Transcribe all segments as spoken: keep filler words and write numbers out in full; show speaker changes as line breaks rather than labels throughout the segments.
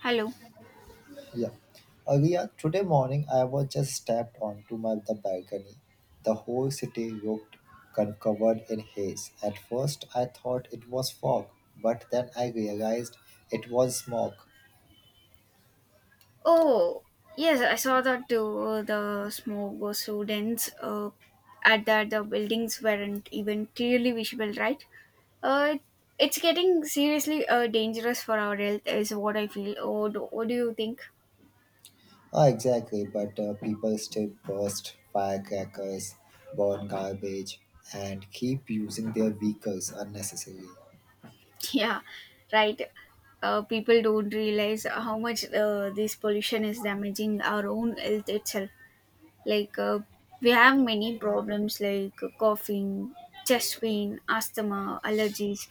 Hello.
Yeah. Uh, we are, today morning, I was just stepped onto my the balcony. The whole city looked con- covered in haze. At first, I thought it was fog, but then I realized it was smoke.
Oh, yes, I saw that uh, the smoke was so dense uh, at that the buildings weren't even clearly visible, right? Uh, it's getting seriously uh, dangerous for our health, is what I feel. Oh, do, what do you think?
Ah, exactly, but uh, people still burst firecrackers, burn garbage, and keep using their vehicles unnecessarily.
Yeah, right. Uh, people don't realize how much uh, this pollution is damaging our own health itself. Like, uh, we have many problems like coughing, chest pain, asthma, allergies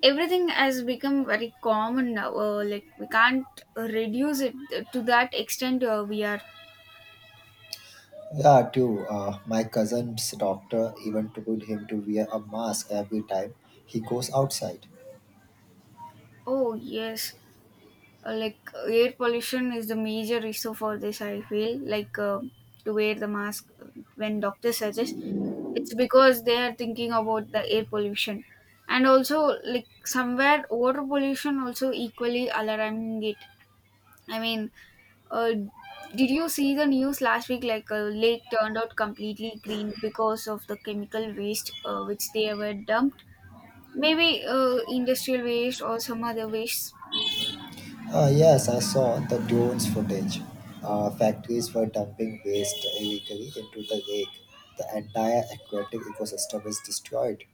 everything has become very common now uh, like we can't reduce it to that extent uh, we are
Yeah, too. Uh, my cousin's doctor even told him to wear a mask every time he goes outside.
oh yes uh, like air pollution is the major issue for this I feel like uh, to wear the mask when doctors suggest it's because they are thinking about the air pollution, and also like somewhere water pollution also equally alarming it I mean. Uh, did you see the news last week? Like a lake turned out completely green because of the chemical waste uh, which they were dumped. Maybe uh, industrial waste or some other waste.
Uh, yes, I saw the drones footage. Uh, factories were dumping waste illegally into the lake. The entire aquatic ecosystem is destroyed.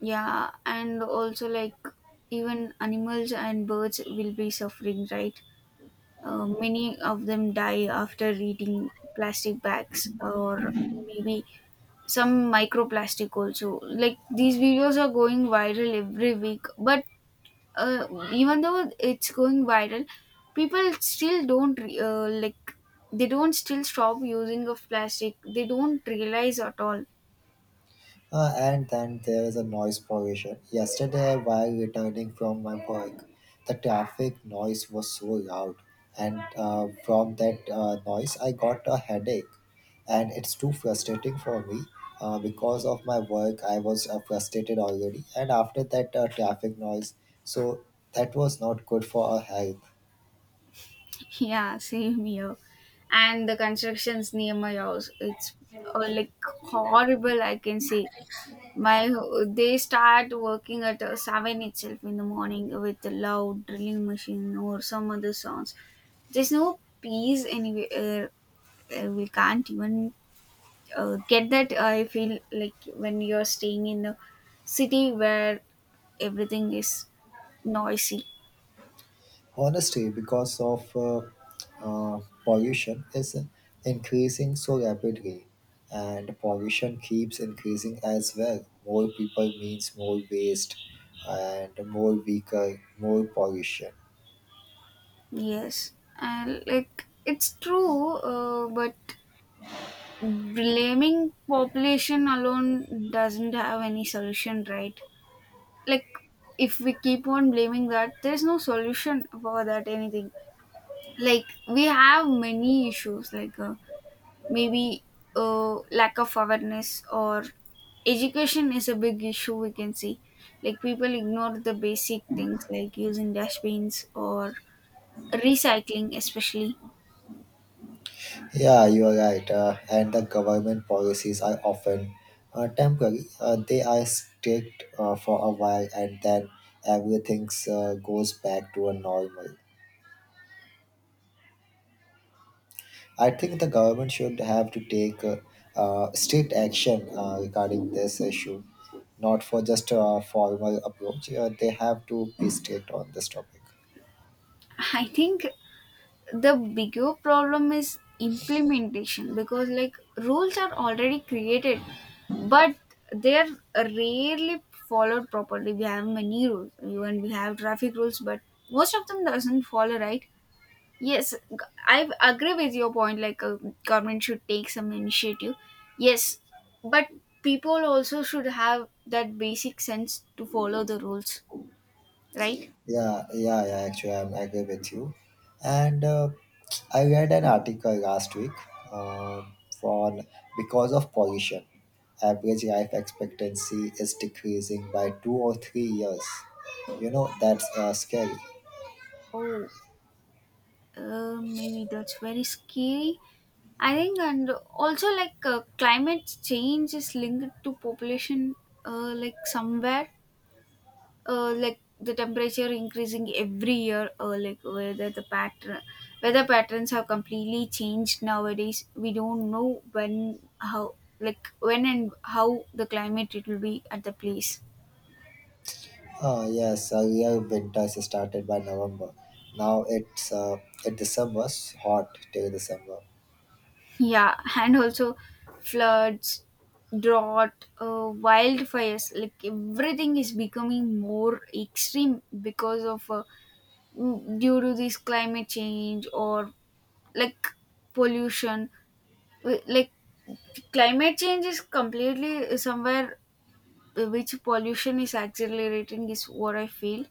Yeah, and also like even animals and birds will be suffering, right? Uh, many of them die after eating plastic bags, or maybe some microplastic also. Like these videos are going viral every week, but uh, even though it's going viral, people still don't re- uh, like they don't still stop using of plastic. They don't realize at all.
Uh, and then there is a noise pollution. Yesterday, while returning from my work, the traffic noise was so loud, and uh, from that uh, noise, I got a headache. And it's too frustrating for me uh, because of my work. I was uh, frustrated already, and after that uh, traffic noise, so that was not good for our health.
Yeah, same here. And the constructions near my house, it's uh, like horrible. I can say my they start working at uh, seven itself in the morning with the loud drilling machine or some other sounds. There's no peace anywhere. Uh, we can't even uh, get that uh, I feel like when you're staying in a city where everything is noisy.
Honesty, because of uh, uh, pollution, is increasing so rapidly, and pollution keeps increasing as well. More people means more waste, and more vehicle, more pollution.
Yes, and like it's true, uh, but blaming population alone doesn't have any solution, right? Like if we keep on blaming, that there's no solution for that anything. Like we have many issues like uh, maybe uh, lack of awareness or education is a big issue, we can see. Like people ignore the basic things like using dustbins or recycling especially.
Yeah, you are right. Uh, and the government policies are often uh, temporary. Uh, they are strict uh, for a while, and then everything uh, goes back to a normal. I think the government should have to take uh, uh, strict action uh, regarding this issue, not for just a formal approach. Uh, they have to be strict on this topic.
I think the bigger problem is implementation, because like rules are already created, but they're rarely followed properly. We have many rules, even we have traffic rules, but most of them doesn't follow, right? Yes, g- I agree with your point. Like, uh, government should take some initiative. Yes, but people also should have that basic sense to follow the rules, right?
Yeah, yeah, yeah. Actually, I'm I agree with you. And uh, I read an article last week um on because of pollution, average life expectancy is decreasing by two or three years. You know that's uh, scary.
Oh, uh, maybe that's very scary. I think, and also like uh, climate change is linked to population, uh, like somewhere uh, like the temperature increasing every year, or like whether the pattern weather patterns have completely changed nowadays. We don't know when how, like when and how the climate it will be at the place.
Ah, yes, earlier winters started by November. Now it's uh, it December's hot till December.
Yeah, and also floods, drought, uh, wildfires, like everything is becoming more extreme because of uh, due to this climate change or like pollution. Wi- like climate change is completely somewhere which pollution is accelerating, is what I feel.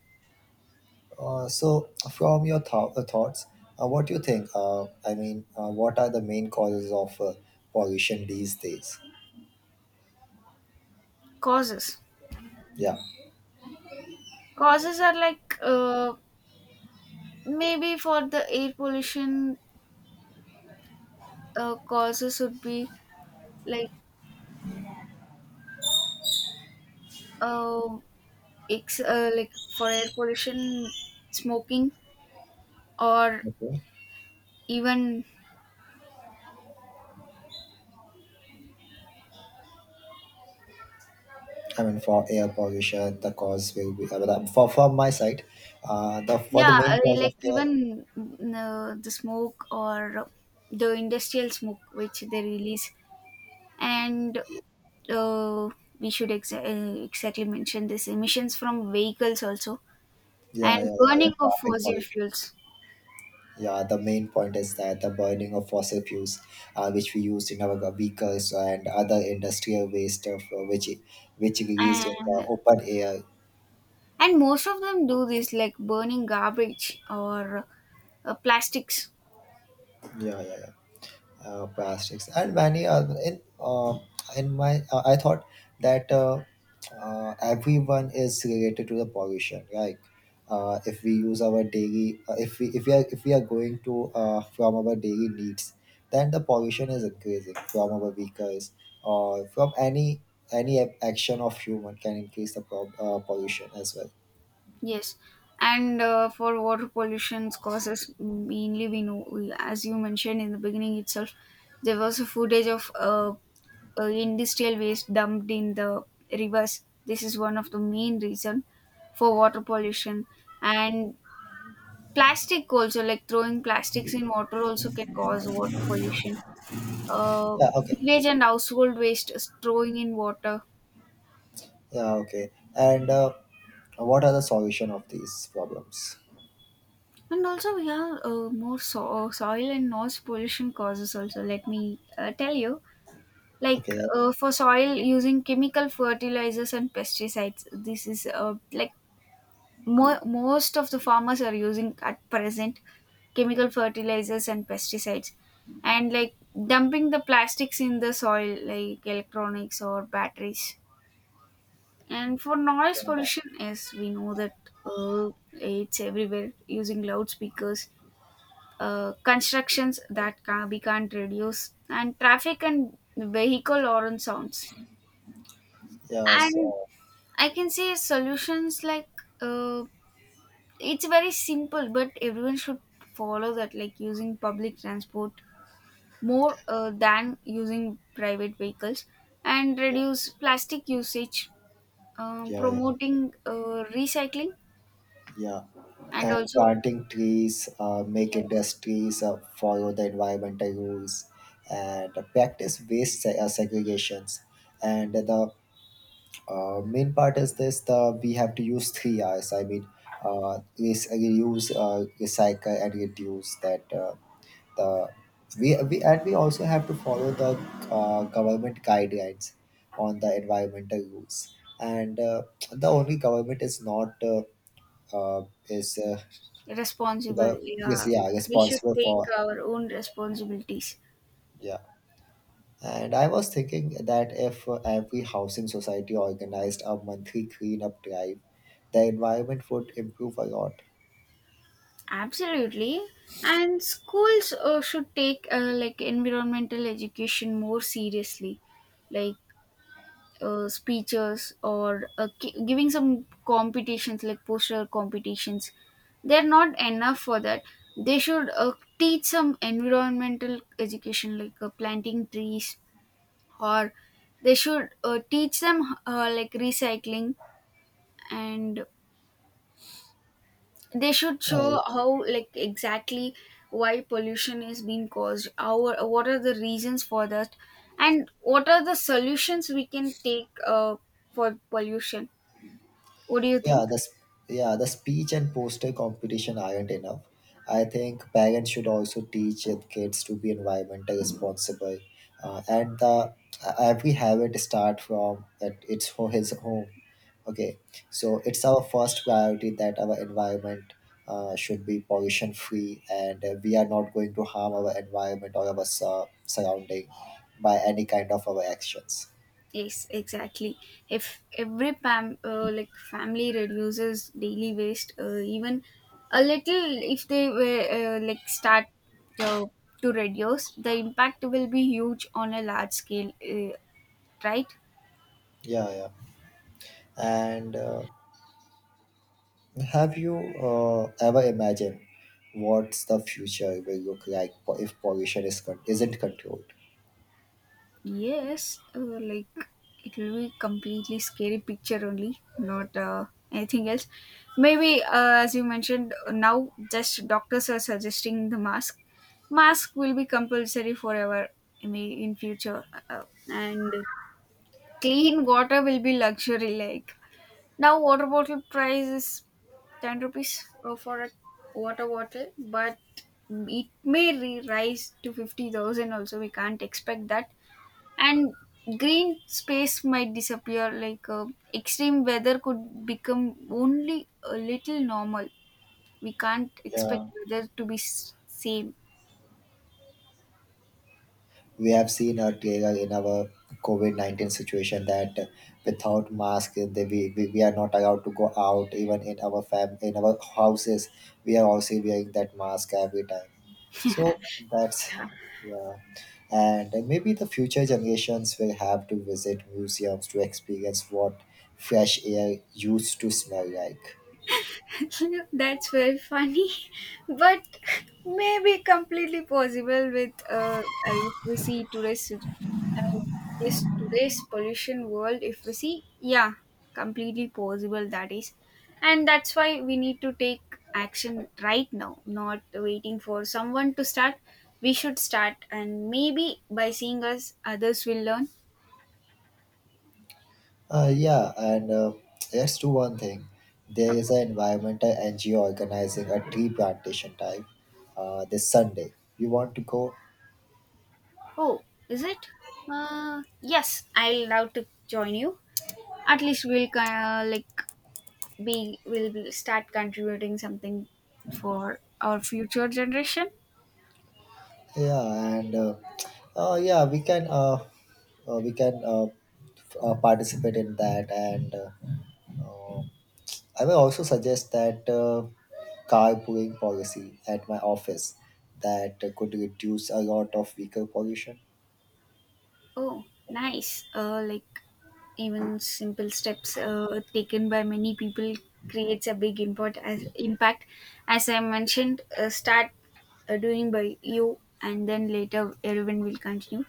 Uh, so, from your thou- uh, thoughts, uh, what do you think? Uh, I mean, uh, what are the main causes of uh, pollution these days?
Causes,
Yeah.
causes are like uh, maybe for the air pollution uh, causes would be like uh, ex- uh, like for air pollution smoking, or
Okay.
even
I mean, for air pollution, the cause will be uh, but, uh, for from my side. Uh, the for the
yeah uh,
main cause of
like
air,
even mm, uh, the smoke or the industrial smoke which they release, and uh, we should exa- uh, exactly mention this emissions from vehicles also,
yeah, yeah,
and
yeah,
burning
the
of
traffic
fossil
pollution.
fuels.
Yeah, the main point is that the burning of fossil fuels, uh, which we used in our vehicles and other industrial waste, of, uh, which which released in the
And
open air.
and most of them do this like burning garbage or uh, plastics.
Yeah, yeah, yeah. Uh, plastics and many other in uh, in my uh, I thought that uh, uh, everyone is related to the pollution like uh, if we use our daily uh, if we if we are if we are going to uh, from our daily needs then the pollution is increasing from our vehicles or from any any ac- action of human can increase the prob- uh, pollution as well.
Yes, and uh, for water pollution's causes, mainly we know, we- as you mentioned in the beginning itself, there was a footage of uh, uh, industrial waste dumped in the rivers. This is one of the main reason for water pollution. And plastic also, like throwing plastics in water also can cause water pollution. Uh,
Yeah, okay.
Sewage and household waste is throwing in water.
Yeah, okay. And uh, what are the solution of these problems?
And also, yeah, uh, more so- uh, soil and noise pollution causes also. Let me uh, tell you, like
Okay.
uh, for soil using chemical fertilizers and pesticides, this is uh, like mo- most of the farmers are using at present chemical fertilizers and pesticides, and like dumping the plastics in the soil, like electronics or batteries. And for noise
Yeah,
pollution, yes, we know that uh, it's everywhere using loudspeakers, uh, constructions that can, we can't reduce, and traffic and vehicle horn sounds.
yeah.
And
So
I can say solutions like, uh, it's very simple, but everyone should follow that, like using public transport more uh, than using private vehicles, and
yeah,
reduce plastic usage, uh,
yeah, yeah,
promoting uh, recycling,
yeah.
and
And
also
planting trees, uh, make
yes,
industries uh, follow the environmental rules, and practice waste se- uh, segregations. And the uh, main part is this: the we have to use three R's. I mean, uh, res- reuse, uh, recycle, and reduce. That uh, the we, we and we also have to follow the uh, government guidelines on the environmental rules. And uh, the only government is not uh, uh, is uh,
responsible.
the yes
Yeah,
yeah
we should
responsible
take
for.
our own responsibilities.
Yeah, and I was thinking that if uh, every housing society organized a monthly cleanup drive, the environment would improve a lot.
Absolutely. And schools uh, should take uh, like environmental education more seriously, like uh, speeches or uh, ki- giving some competitions like poster competitions. They're not enough for that. They should uh, teach some environmental education like uh, planting trees, or they should uh, teach them uh, like recycling, and they should
uh,
show how, like exactly why pollution is being caused our what are the reasons for that, and what are the solutions we can take uh, for pollution. What do you
yeah,
think?
the s- yeah, the speech and poster competition aren't enough. I think parents should also teach their kids to be environmental responsible. Uh, and the every habit start from at its ho- his home. Okay, so it's our first priority that our environment uh, should be pollution free, and uh, we are not going to harm our environment or our sur- surrounding by any kind of our actions.
Yes, exactly. If every pam uh, like family reduces daily waste uh, even a little, if they were uh, like start uh, to reduce, the impact will be huge on a large scale, uh, right?
Yeah, yeah. And uh, have you uh, ever imagined what's the future will look like po- if pollution is con- isn't controlled?
Yes, uh, like it will be completely scary picture only, not uh, anything else. Maybe uh, as you mentioned, now just doctors are suggesting the mask. Mask will be compulsory forever. I mean, in future, uh, and clean water will be luxury. Like now, water bottle price is ten rupees uh, for a water bottle, but it may re- rise to fifty thousand. Also, we can't expect that. And green space might disappear, like uh, extreme weather could become only a little normal, we can't expect
Yeah.
weather to be s- same.
We have seen uh, Diego, in our COVID nineteen situation that uh, without mask uh, they, we, we, we are not allowed to go out even in our fam in our houses. We are also wearing that mask every time, so that's, yeah. And uh, maybe the future generations will have to visit museums to experience what fresh air used to smell like.
That's very funny, but maybe completely possible with uh, I mean, if we see today's, I mean, this today's pollution world. If we see, yeah, completely possible that is, and that's why we need to take action right now, not waiting for someone to start. We should start, and maybe by seeing us, others will learn.
Uh, yeah, and uh, let's do one thing. There is
Okay.
an environmental N G O organizing a tree plantation drive uh, this Sunday. You want to go?
Oh, is it? Uh, yes, I will love to join you. At least we'll kind of like be will be- start contributing something for our future generation.
Yeah, and uh, uh, yeah, we can uh, uh, we can uh, f- uh, participate in that. And uh, uh, I will also suggest that uh, carpooling policy at my office that could reduce a lot of vehicle pollution.
Oh, nice. Uh like even simple steps uh, taken by many people creates a big import as impact. As I mentioned, uh, start uh, doing by you and then later everyone will continue.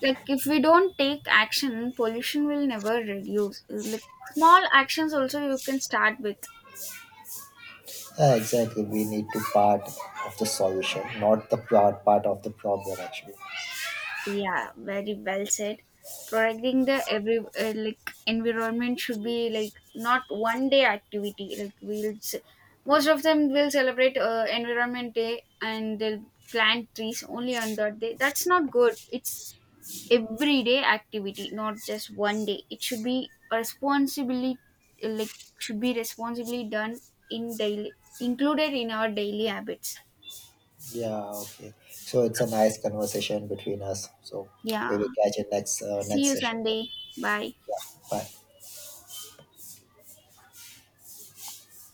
Like if we don't take action, pollution will never reduce. Uh, like small actions also you can start with.
Yeah, exactly. We need to part of the solution, not the part part of the problem. Actually,
Yeah, very well said. Protecting the every uh, like environment should be like not one day activity. Like we'll ce- most of them will celebrate uh, Environment Day, and they'll plant trees only on that day. That's not good. It's everyday activity, not just one day. It should be responsibly uh, like should be responsibly done in daily included in our daily habits.
yeah, okay. So it's a nice conversation between us. So we
Yeah.
will catch you next uh,
See
next
you
session.
Sunday. Bye.
Yeah, bye.